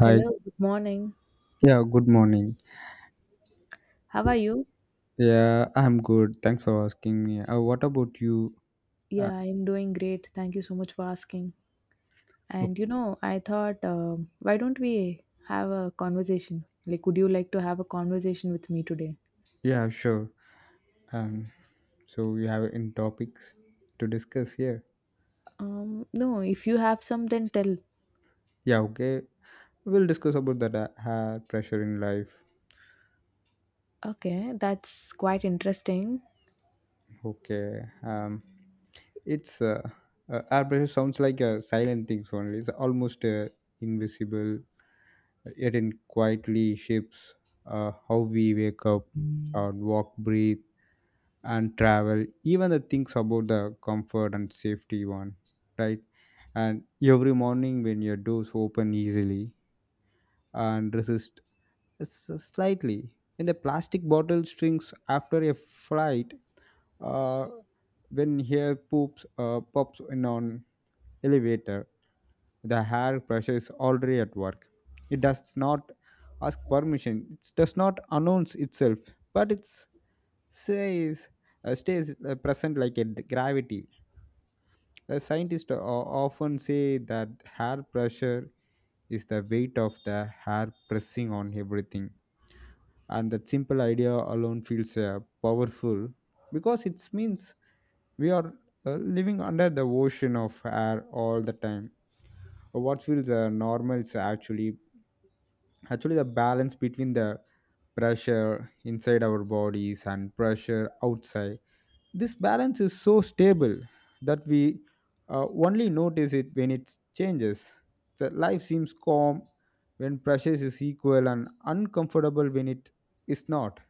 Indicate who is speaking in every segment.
Speaker 1: Hi.
Speaker 2: Hello, good morning.
Speaker 1: Yeah, good morning.
Speaker 2: How are you?
Speaker 1: Yeah, I'm good. Thanks for asking me. What about you? Uh,
Speaker 2: Yeah, I'm doing great. Thank you so much for asking.
Speaker 1: ok-
Speaker 2: And you know, I thought, why don't we have a conversation? Like, would you like to have a conversation with me today?
Speaker 1: yeah, sure. Um, so we have in topics to discuss here.
Speaker 2: No, if you have some, then tell.
Speaker 1: Yeah, okay. We'll discuss about that air pressure in life.
Speaker 2: Okay, that's quite interesting.
Speaker 1: Okay. It's Air pressure sounds like a silent things only. It's almost invisible, yet it quietly shapes how we wake up, or walk, breathe and travel even the things about the comfort and safety one, right. And every morning when your doors open easily and resist slightly when the plastic bottle strings after a flight, uh, when hair poops pops in on elevator, the hair pressure is already at work. It does not ask permission, it does not announce itself, but it's says stays present like a gravity. The scientists often say that hair pressure is the weight of the hair pressing on everything, and that simple idea alone feels powerful because it means we are living under the ocean of air all the time. What feels normal is actually the balance between the pressure inside our bodies and pressure outside. This balance is so stable that we only notice it when it changes. So life seems calm when pressure is equal and uncomfortable when it is not.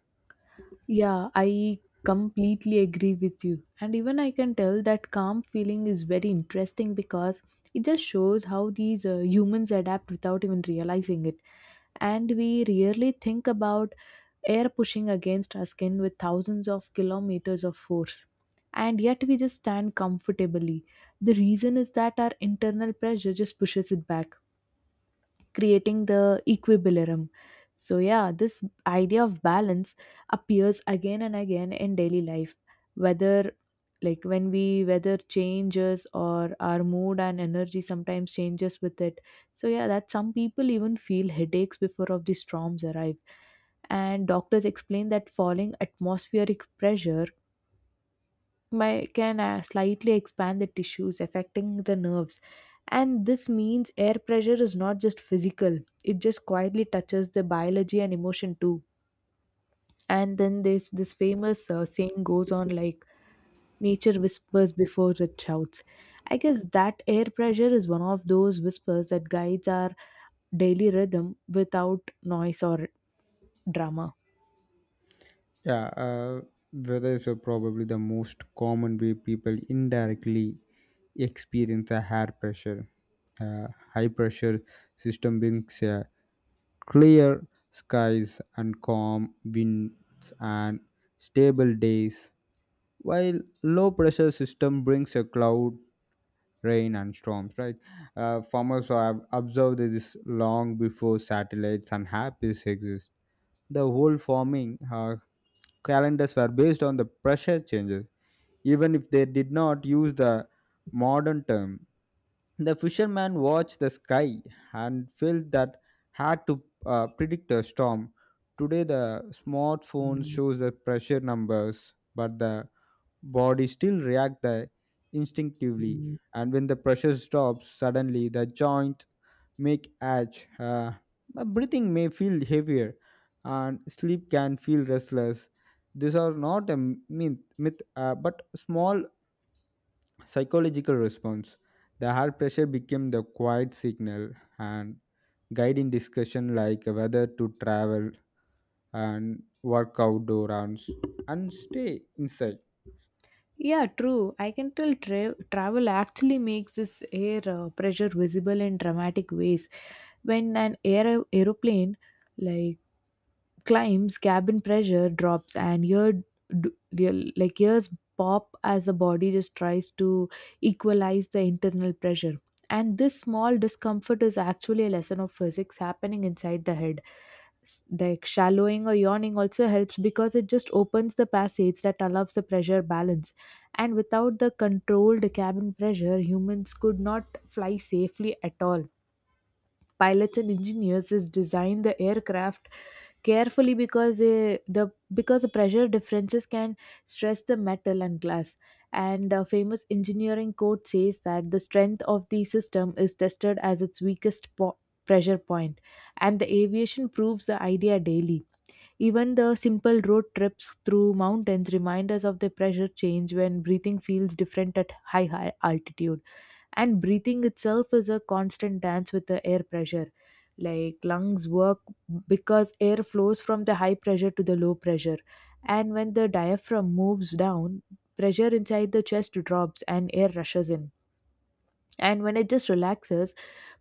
Speaker 2: Yeah, I completely agree with you. And even I can tell that calm feeling is very interesting because it just shows how these humans adapt without even realizing it. And we rarely think about air pushing against our skin with thousands of kilometers of force. And yet we just stand comfortably. The reason is that our internal pressure just pushes it back, creating the equilibrium. So, yeah, this idea of balance appears again and again in daily life, whether like when we weather changes or our mood and energy sometimes changes with it. So yeah, that some people even feel headaches before of the storms arrive, and doctors explain that falling atmospheric pressure may, can slightly expand the tissues affecting the nerves. And this means air pressure is not just physical, it just quietly touches the biology and emotion too. And then there's this famous saying goes on like, nature whispers before it shouts. I guess that air pressure is one of those whispers that guides our daily rhythm without noise or drama.
Speaker 1: Yeah, uh, Weather is probably the most common way people indirectly experience a high pressure. Uh, High pressure system brings clear skies and calm winds and stable days, while low pressure system brings a cloud, rain and storms, right. Farmers have observed this long before satellites and apps exist. The whole farming calendars were based on the pressure changes, even if they did not use the modern term. The fisherman watched the sky and felt that had to predict a storm. Today, the smartphone shows the pressure numbers, but the body still react there instinctively. And when the pressure stops suddenly the joints make edge, my breathing may feel heavier and sleep can feel restless. These are not a myth, but small psychological response. The heart pressure became the quiet signal and guide in discussion like whether to travel and work outdoor rounds and stay inside.
Speaker 2: Yeah, true. I can tell travel actually makes this air pressure visible in dramatic ways. When an air aeroplane like climbs, cabin pressure drops, and ear, d- like ears pop as the body just tries to equalize the internal pressure. And this small discomfort is actually a lesson of physics happening inside the head. Like shallowing or yawning also helps because it just opens the passage that allows the pressure balance. And without the controlled cabin pressure, humans could not fly safely at all. Pilots and engineers is design the aircraft carefully because the pressure differences can stress the metal and glass. And a famous engineering quote says that the strength of the system is tested as its weakest pressure point, and the aviation proves the idea daily. Even the simple road trips through mountains remind us of the pressure change when breathing feels different at high altitude. And breathing itself is a constant dance with the air pressure. Like lungs work because air flows from the high pressure to the low pressure, and when the diaphragm moves down, pressure inside the chest drops and air rushes in. And when it just relaxes,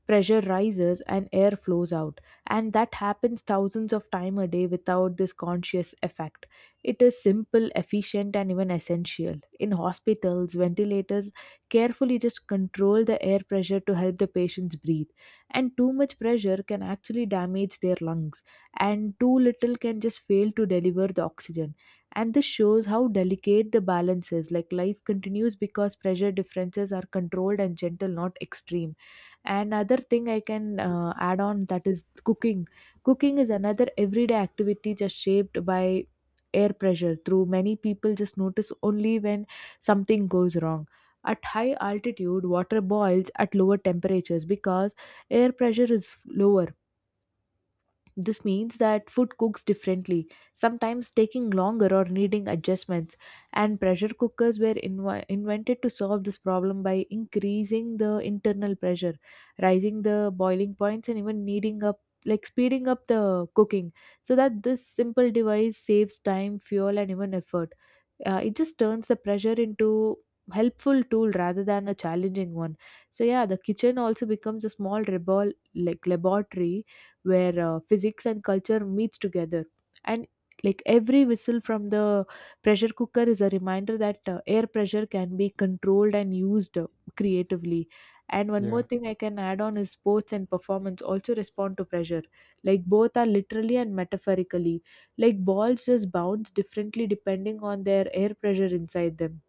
Speaker 2: pressure rises and air flows out, and that happens thousands of times a day without this conscious effect. It is simple, efficient, and even essential in hospitals ventilators carefully just control the air pressure to help the patients breathe. And too much pressure can actually damage their lungs, and too little can just fail to deliver the oxygen. And this shows how delicate the balance is, like life continues because pressure differences are controlled and gentle, not extreme. Another thing I can add on that is cooking. Is another everyday activity just shaped by air pressure through many people just notice only when something goes wrong. At high altitude water boils at lower temperatures because air pressure is lower. This means that food cooks differently, sometimes taking longer or needing adjustments. And pressure cookers were invented to solve this problem by increasing the internal pressure, rising the boiling points, and even needing up like speeding up the cooking. So that this simple device saves time, fuel and even effort. It just turns the pressure into helpful tool rather than a challenging one. So yeah, the kitchen also becomes a small rebel like laboratory where physics and culture meets together. And like every whistle from the pressure cooker is a reminder that air pressure can be controlled and used creatively. And one
Speaker 1: Yeah.
Speaker 2: more thing I can add on is sports and performance also respond to pressure, like both are literally and metaphorically, like balls just bounce differently depending on their air pressure inside them.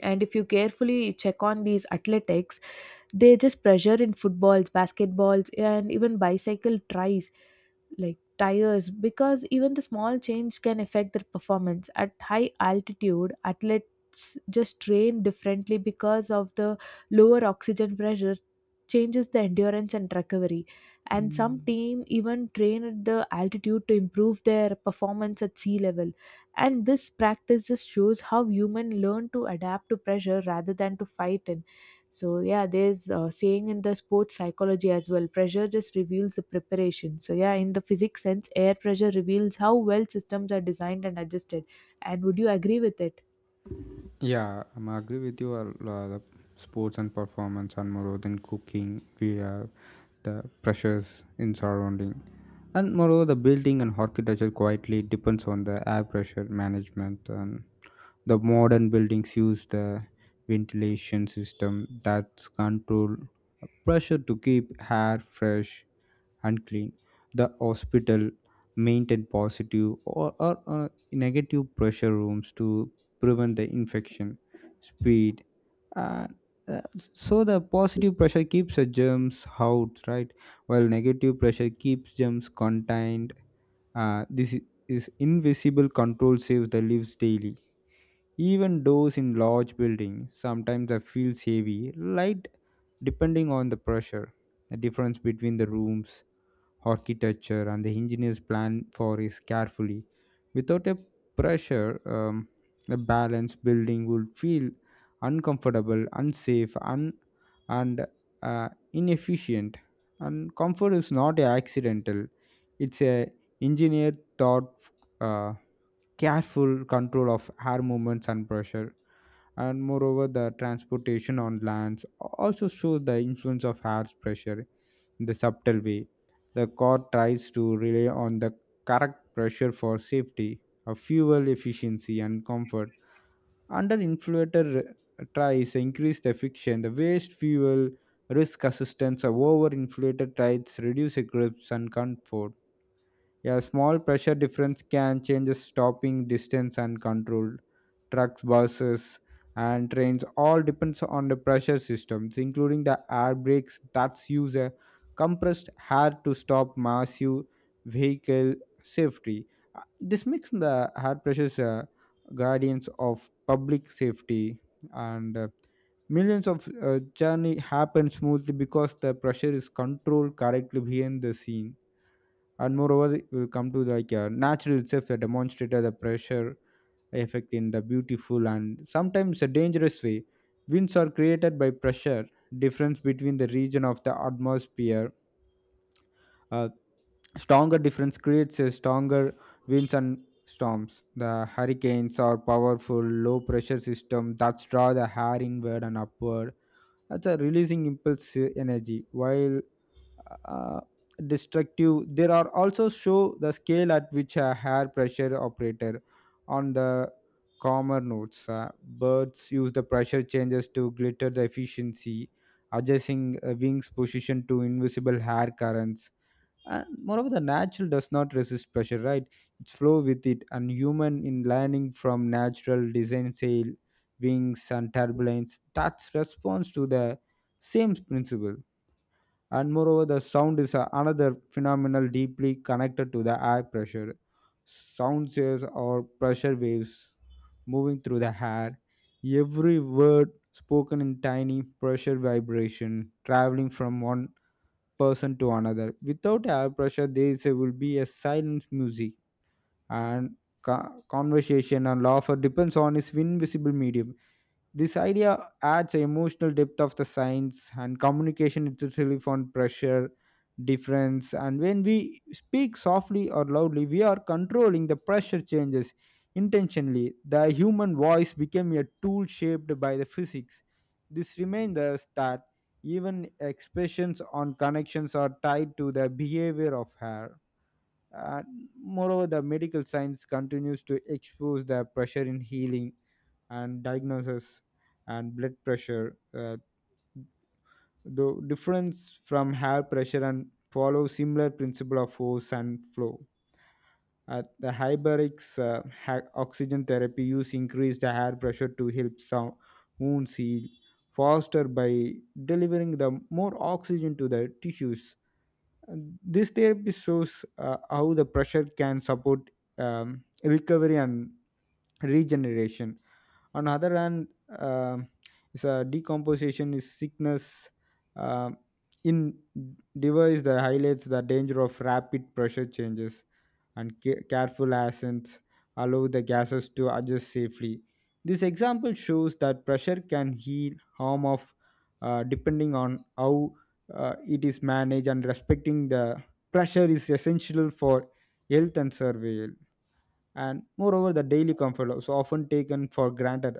Speaker 2: And if you carefully check on these athletics, they just pressure in footballs, basketballs and even bicycle tries, like tires, because even the small change can affect their performance. At high altitude, athletes just train differently because of the lower oxygen pressure changes the endurance and recovery. And some team even train at the altitude to improve their performance at sea level. And this practice just shows how human learn to adapt to pressure rather than to fight it. So yeah, there's a saying in the sports psychology as well. Pressure just reveals the preparation. So yeah, in the physics sense, air pressure reveals how well systems are designed and adjusted. And would you agree with it?
Speaker 1: Yeah, I'm agree with you. The sports and performance and more than cooking. We have the pressures in surrounding, and moreover, the building and architecture quietly depends on the air pressure management. And the modern buildings use the ventilation system that's control pressure to keep air fresh and clean. The hospital maintain positive or negative pressure rooms to prevent the infection speed. And so the positive pressure keeps the germs out, right? While negative pressure keeps germs contained. This is invisible control saves the lives daily. Even doors in large buildings sometimes are feel heavy, light, depending on the pressure. The difference between the rooms architecture and the engineer's plan for is carefully. Without a pressure, a balanced building would feel uncomfortable, unsafe, and inefficient. And comfort is not a accidental; it's a engineer thought. Uh, Careful control of air movements and pressure. And moreover, the transportation on lands also shows the influence of air pressure in the subtle way. The car tries to rely on the correct pressure for safety, fuel efficiency, and comfort. Under inflator tries increase the friction, the waste fuel risk assistance, or over inflator tries reduce the grips and comfort. A small pressure difference can change the stopping distance and control. Trucks, buses, and trains all depends on the pressure systems, including the air brakes that use a compressed air to stop massive vehicle safety. This makes the air pressures guardians of public safety and millions of journey happen smoothly because the pressure is controlled correctly behind the scene. And moreover, it will come to like natural itself that demonstrated the pressure effect in the beautiful and sometimes a dangerous way. Winds are created by pressure difference between the region of the atmosphere. A stronger difference creates a stronger winds and storms. The hurricanes are powerful low pressure system that draw the air inward and upward, that's a releasing impulse energy, while uh, destructive. There are also show the scale at which a hair pressure operator on the calmer notes. Birds use the pressure changes to glitter the efficiency, adjusting wings position to invisible hair currents. And moreover, the natural does not resist pressure, right? It flow with it, and human in learning from natural design sail, wings and turbulence. That's response to the same principle. And moreover the sound is another phenomenal deeply connected to the air pressure. Sound waves or pressure waves moving through the air, every word spoken in tiny pressure vibration traveling from one person to another. Without air pressure there is will be a silent music, and conversation and laughter depends on its invisible medium. This idea adds a emotional depth of the science and communication is usually found pressure, difference, and when we speak softly or loudly, we are controlling the pressure changes intentionally. The human voice became a tool shaped by the physics. This reminds us that even expressions on connections are tied to the behavior of hair. Uh, Moreover, the medical science continues to expose the pressure in healing and diagnosis and blood pressure. The difference from hair pressure and follow similar principle of force and flow. At the hyperbarics oxygen therapy use increased air pressure to help some wounds heal faster by delivering the more oxygen to the tissues. And this therapy shows how the pressure can support recovery and regeneration. On other hand, um is a decomposition is sickness, um, in device that highlights the danger of rapid pressure changes. And careful ascents allow the gases to adjust safely. This example shows that pressure can heal harm of, depending on how it is managed, and respecting the pressure is essential for health and survival. And moreover the daily comfort also often taken for granted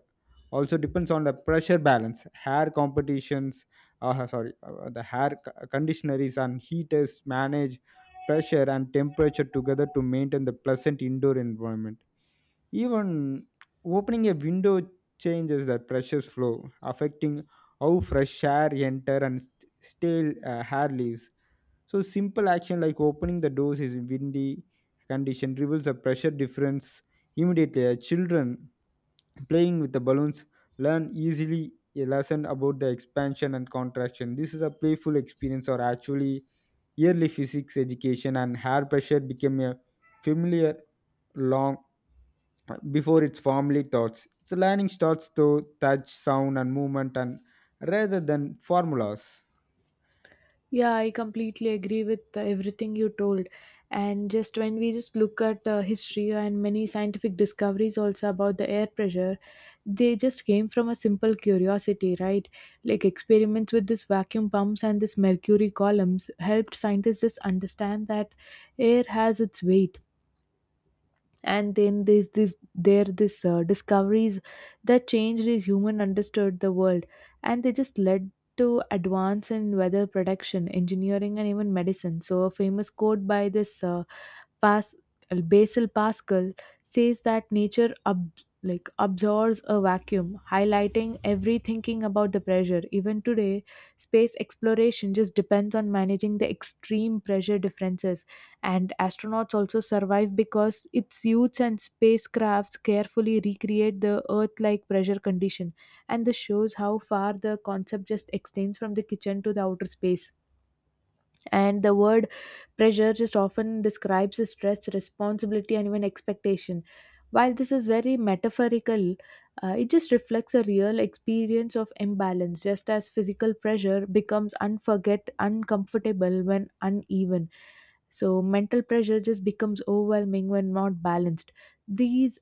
Speaker 1: also depends on the pressure balance hair competitions, sorry the hair conditioners and heaters manage pressure and temperature together to maintain the pleasant indoor environment. Even opening a window changes the pressure's flow, affecting how fresh air enter and stale hair leaves. So simple action like opening the doors is windy condition reveals a pressure difference immediately. Children playing with the balloons learn easily a lesson about the expansion and contraction. This is a playful experience or actually yearly physics education, and hair pressure became a familiar long before its formally thoughts. Its learning starts through touch, sound and movement and rather than formulas.
Speaker 2: Yeah, I completely agree with everything you told. And just when we just look at history and many scientific discoveries also about the air pressure, they just came from a simple curiosity, right? Like experiments with this vacuum pumps and this mercury columns helped scientists just understand that air has its weight. And then there's this there this discoveries that changed his human understood the world, and they just led to advance in weather prediction, engineering and even medicine. So a famous quote by this Pas- Basil Pascal says that nature like absorbs a vacuum, highlighting every thinking about the pressure. Even today, space exploration just depends on managing the extreme pressure differences, and astronauts also survive because its suits and spacecrafts carefully recreate the Earth-like pressure condition. And this shows how far the concept just extends from the kitchen to the outer space. And the word pressure just often describes stress, responsibility and even expectation. While this is very metaphorical, it just reflects a real experience of imbalance. Just as physical pressure becomes unforget uncomfortable when uneven, so mental pressure just becomes overwhelming when not balanced. these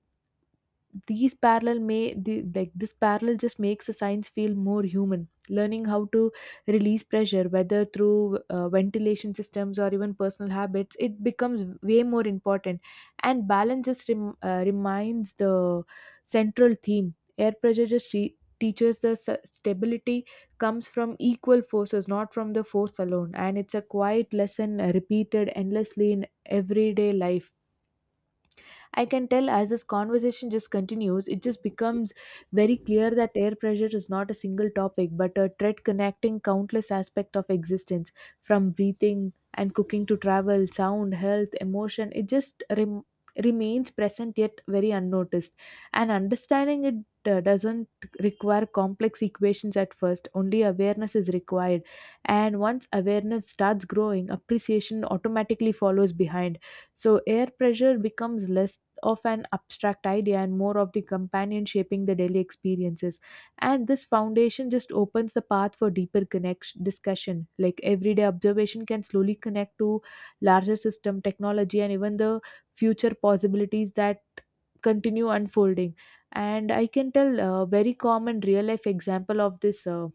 Speaker 2: these parallel like this parallel just makes the science feel more human. Learning how to release pressure whether through ventilation systems or even personal habits, it becomes way more important. And balance just reminds the central theme. Air pressure just teaches the stability comes from equal forces, not from the force alone. And it's a quiet lesson repeated endlessly in everyday life. I can tell as this conversation just continues, it just becomes very clear that air pressure is not a single topic, but a thread connecting countless aspects of existence, from breathing and cooking to travel, sound, health, emotion. It just remains present yet very unnoticed. And understanding it doesn't require complex equations at first, only awareness is required. And once awareness starts growing, appreciation automatically follows behind. So air pressure becomes less of an abstract idea and more of the companion shaping the daily experiences. And this foundation just opens the path for deeper connection discussion. Like everyday observation can slowly connect to larger system technology and even the future possibilities that continue unfolding. And I can tell a very common real life example of this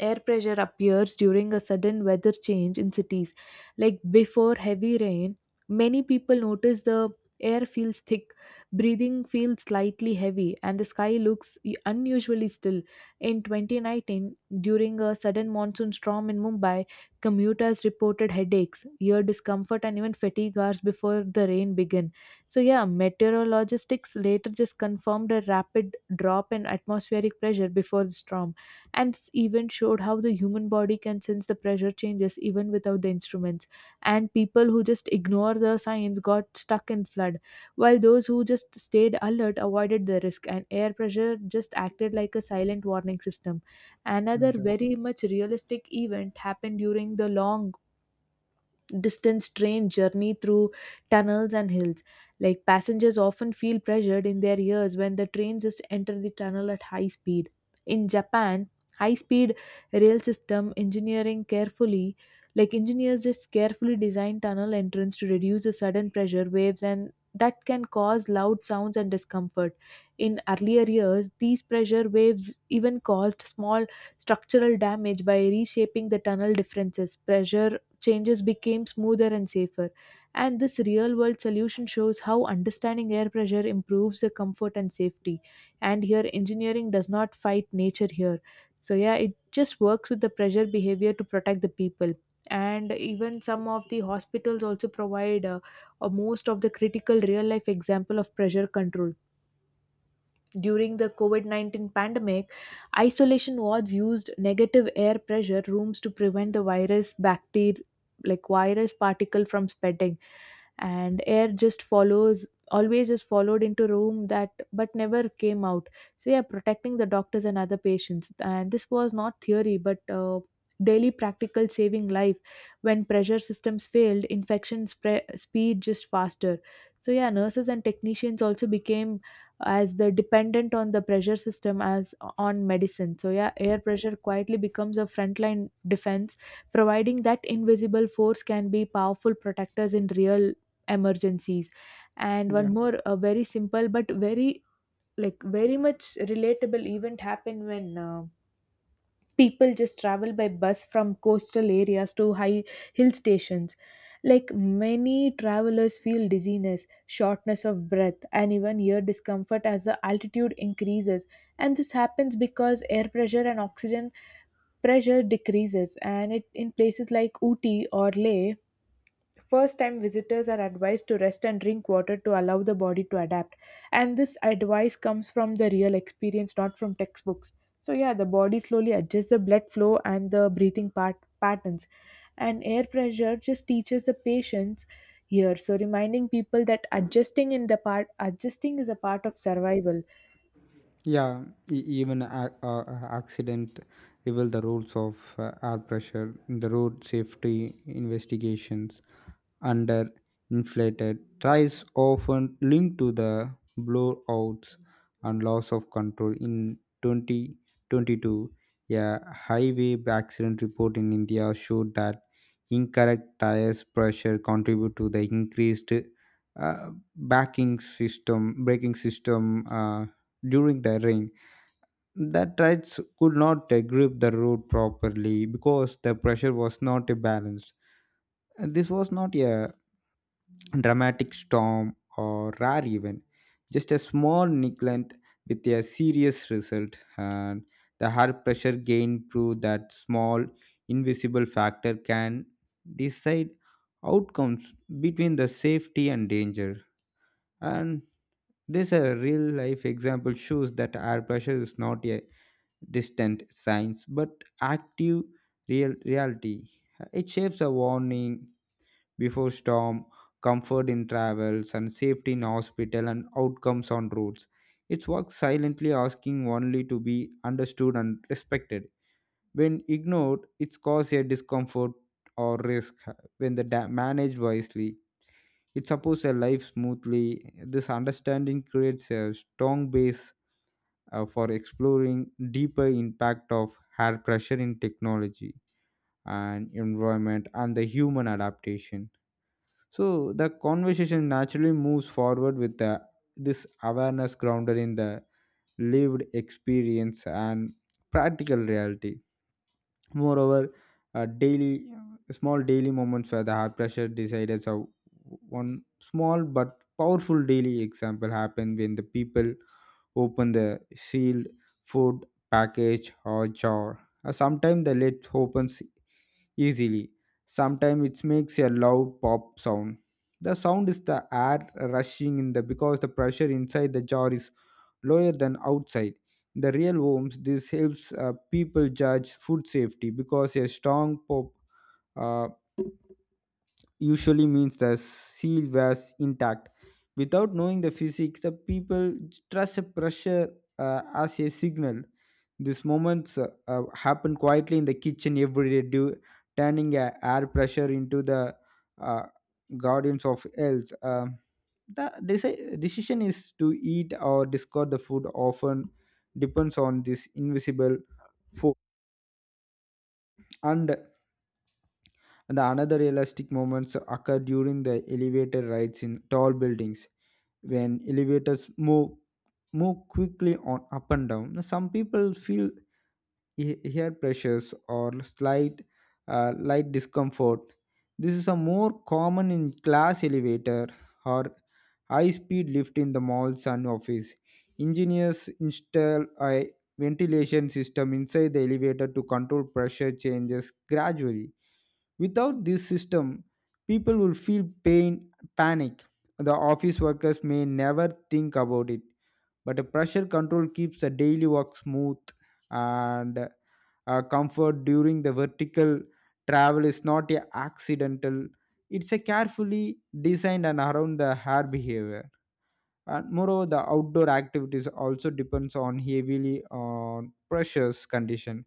Speaker 2: air pressure appears during a sudden weather change in cities. Like before heavy rain, many people notice the air feels thick, breathing feels slightly heavy, and the sky looks unusually still. In 2019, during a sudden monsoon storm in Mumbai, commuters reported headaches, ear discomfort, and even fatigue hours before the rain began. So, yeah, meteorologists later just confirmed a rapid drop in atmospheric pressure before the storm. And this event showed how the human body can sense the pressure changes even without the instruments. And people who just ignore the signs got stuck in flood, while those who just stayed alert avoided the risk. And air pressure just acted like a silent warning system.
Speaker 1: Mm,
Speaker 2: Another
Speaker 1: sure.
Speaker 2: very much realistic event happened during the long distance train journey through tunnels and hills. Like passengers often feel pressured in their ears when the train just enter the tunnel at high speed. In Japan, high speed rail system engineering carefully, like engineers just carefully design tunnel entrance to reduce the sudden pressure waves and that can cause loud sounds and discomfort. In earlier years, these pressure waves even caused small structural damage by reshaping the tunnel differences. Pressure changes became smoother and safer. And this real world solution shows how understanding air pressure improves the comfort and safety. And here, engineering does not fight nature here. So, yeah, it just works with the pressure behavior to protect the people. And even some of the hospitals also provide most of the critical real life example of pressure control during the COVID 19 pandemic, isolation wards used negative air pressure rooms to prevent the virus bacteria like virus particle from spreading and air just follows always just followed into room that but never came out. So, yeah, protecting the doctors and other patients, and this was not theory but daily practical saving life. When pressure systems failed, infection spread speed just faster. So, yeah, nurses and technicians also became as they're dependent on the pressure system as on medicine. So, yeah, air pressure quietly becomes a frontline defense, providing that invisible force can be powerful protectors in real emergencies. And one more, a very simple but very much relatable event happened when. People just travel by bus from coastal areas to high hill stations, like many travelers feel dizziness, shortness of breath, and even ear discomfort as the altitude increases. And this happens because air pressure and oxygen pressure decreases, and it in places like Uti or Leh. First time visitors are advised to rest and drink water to allow the body to adapt. And this advice comes from the real experience, not from textbooks. So, yeah, the body slowly adjusts the blood flow and the patterns. And air pressure just teaches the patients here. So, reminding people that adjusting is a part of survival.
Speaker 1: Yeah, even a accident reveal the rules of air pressure, the road safety investigations, under inflated tires often linked to the blowouts and loss of control in 2022. A highway accident report in india showed that incorrect tires pressure contribute to the increased uh, backing system braking system, during the rain, that rides could not grip the road properly because the pressure was not balanced. This was not a dramatic storm or rare event, just a small neglect with a serious result. And the hard pressure gain proved that small invisible factor can decide outcomes between the safety and danger. And this a real life example shows that air pressure is not a distant signs but active real reality. It shapes a warning before storm, comfort in travels, and safety in hospital and outcomes on roads. It works silently, asking only to be understood and respected. When ignored, it causes a discomfort or risk. When the managed wisely, it supports a life smoothly. This understanding creates a strong base for exploring deeper impact of air pressure in technology and environment and the human adaptation. So the conversation naturally moves forward with this awareness grounded in the lived experience and practical reality. Moreover, daily small daily moments where the heart pressure decided. So one small but powerful daily example happened when the people open the sealed food package or jar. Sometimes the lid opens easily. Sometimes it makes a loud pop sound. The sound is the air rushing in the because the pressure inside the jar is lower than outside. In the real homes, this helps people judge food safety because a strong pop uh, usually means the seal was intact. Without knowing the physics, the people trust a pressure as a signal. These moments happen quietly in the kitchen every day, due, turning air pressure into the uh, guardians of health. The decision is to eat or discard the food often depends on this invisible force. And And another realistic moments occur during the elevator rides in tall buildings. When elevators move quickly on up and down. Now, some people feel ear pressures or slight light discomfort. This is a more common in class elevator or high speed lift in the malls and office. Engineers install a ventilation system inside the elevator to control pressure changes gradually. Without this system, people will feel pain, panic. The office workers may never think about it, but a pressure control keeps the daily work smooth, and comfort during the vertical travel is not a accidental, it's a carefully designed and around the hair behavior. And moreover the outdoor activities also depends on heavily on precious condition.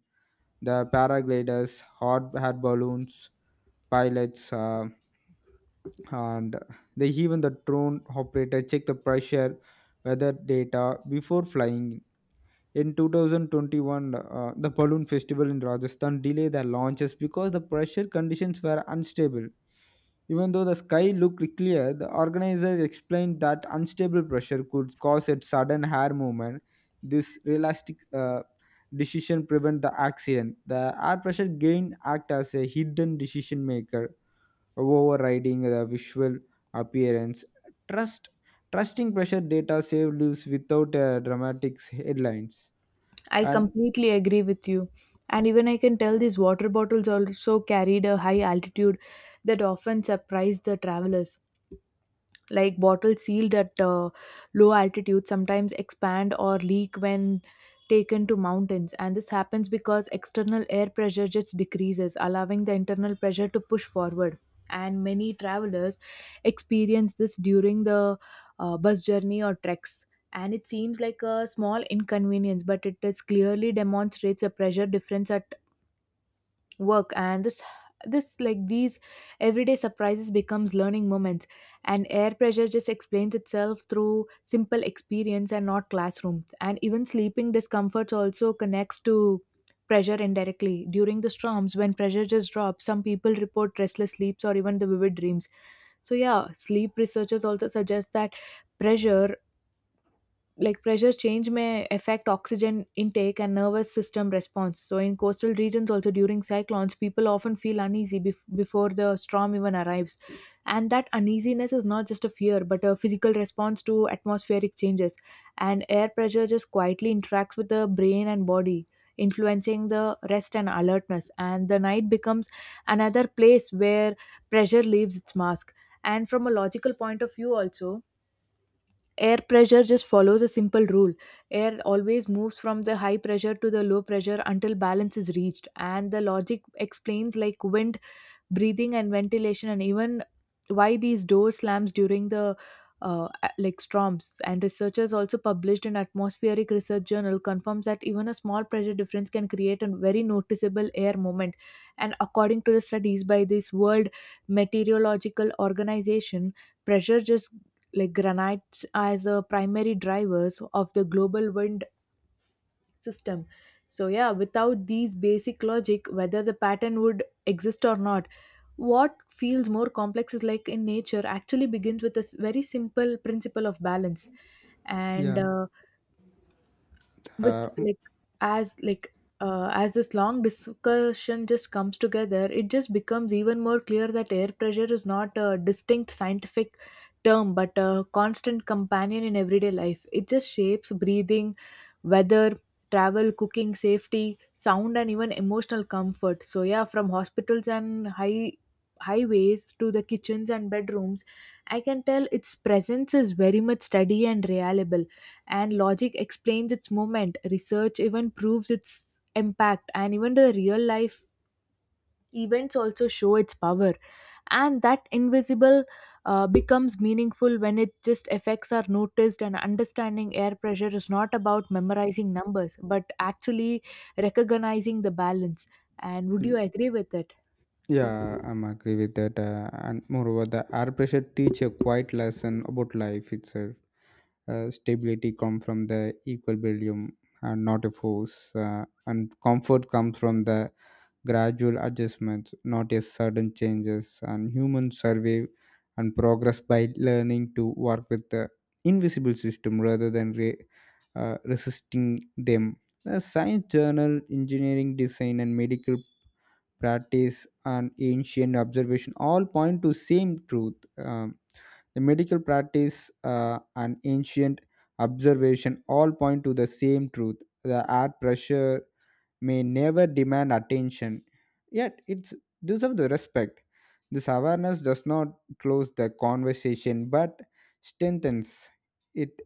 Speaker 1: The paragliders, hot air balloons, pilots, and they even the drone operator check the pressure weather data before flying in 2021. The balloon festival in Rajasthan delayed their launches because the pressure conditions were unstable. Even though the sky looked clear, the organizers explained that unstable pressure could cause a sudden hair movement. This realistic decision prevent the accident. The air pressure gain act as a hidden decision maker, overriding the visual appearance. Trust Trusting pressure data saved lives without dramatic headlines.
Speaker 2: I
Speaker 1: And
Speaker 2: completely agree with you. And even I can tell these water bottles also carried a high altitude that often surprised the travelers. Like bottles sealed at low altitude sometimes expand or leak when taken to mountains, and this happens because external air pressure just decreases, allowing the internal pressure to push forward. And many travelers experience this during the bus journey or treks, and it seems like a small inconvenience, but it is clearly demonstrates a pressure difference at work. And this like these everyday surprises becomes learning moments, and air pressure just explains itself through simple experience and not classrooms. And even sleeping discomforts also connects to pressure indirectly during the storms. When pressure just drops, some people report restless sleeps or even the vivid dreams. So, yeah, sleep researchers also suggest that pressure pressure change may affect oxygen intake and nervous system response. So, in coastal regions, also during cyclones, people often feel uneasy before the storm even arrives. And that uneasiness is not just a fear, but a physical response to atmospheric changes. And air pressure just quietly interacts with the brain and body, influencing the rest and alertness. And the night becomes another place where pressure leaves its mask. And from a logical point of view, also, air pressure just follows a simple rule. Air always moves from the high pressure to the low pressure until balance is reached, and the logic explains like wind, breathing, and ventilation, and even why these door slams during the storms. And researchers also published an atmospheric research journal confirms that even a small pressure difference can create a very noticeable air movement. And according to the studies by this world meteorological organization, pressure just like granites as a primary drivers of the global wind system. So, yeah, without these basic logic, whether the pattern would exist or not, what feels more complex is like in nature actually begins with a very simple principle of balance. and
Speaker 1: Yeah,
Speaker 2: uh, with
Speaker 1: uh, mm,
Speaker 2: like as like uh, as this long discussion just comes together, it just becomes even more clear that air pressure is not a distinct scientific term but a constant companion in everyday life. It just shapes breathing, weather, travel, cooking, safety, sound, and even emotional comfort. So, yeah, from hospitals and highways to the kitchens and bedrooms, I can tell its presence is very much steady and reliable. And logic explains its movement, research even proves its impact, and even the real life events also show its power. And that invisible becomes meaningful when it just effects are noticed. And understanding air pressure is not about memorizing numbers, but actually recognizing the balance. And would
Speaker 1: mm,
Speaker 2: you agree with it?
Speaker 1: yeah, I'm agree with that. And moreover, the air pressure teach a quiet lesson about life itself. Stability comes from the equilibrium and not a force. And comfort comes from the gradual adjustments, not a sudden changes. And human survive and progress by learning to work with the invisible system rather than resisting them. The science journal, engineering design, and medical practice and ancient observation all point to same truth. The medical practice and ancient observation all point to the same truth. The air pressure may never demand attention, yet it's deserve the respect. This awareness does not close the conversation but strengthens it,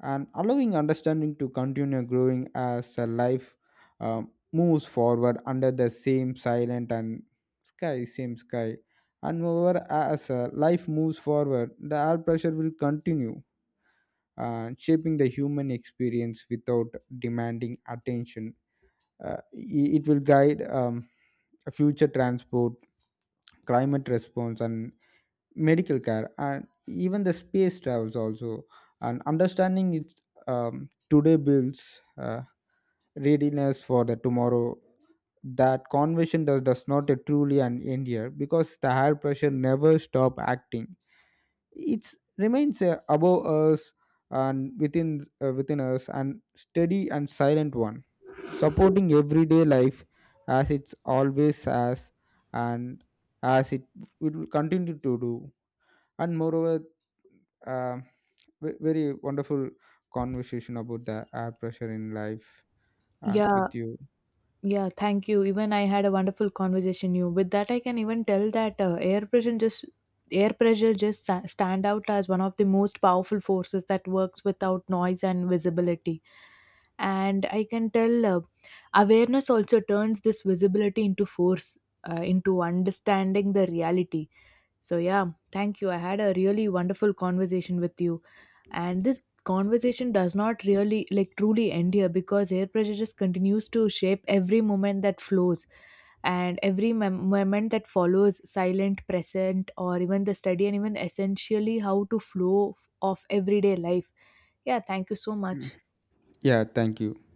Speaker 1: and allowing understanding to continue growing as a life moves forward under the same sky. And moreover, as life moves forward, the air pressure will continue shaping the human experience without demanding attention. uh, it will guide, future transport, climate response and medical care and even the space travels also. And understanding its today builds readiness for the tomorrow. That conversion does not a truly an end here because the higher pressure never stop acting. It remains above us and within us and steady and silent one, supporting everyday life as it's always has and as it will continue to do. And moreover, uh, very wonderful conversation about the air pressure in life and
Speaker 2: Yeah.
Speaker 1: with you.
Speaker 2: Yeah, thank you. Even I had a wonderful conversation you. With that, I can even tell that air pressure just stand out as one of the most powerful forces that works without noise and visibility. And I can tell, awareness also turns this visibility into force, into understanding the reality. So, yeah, thank you. I had a really wonderful conversation with you, and this conversation does not really like truly end here because air pressure just continues to shape every moment that flows and every moment that follows silent present, or even the study, and even essentially how to flow of everyday life. Yeah, thank you so much.
Speaker 1: Yeah, thank you.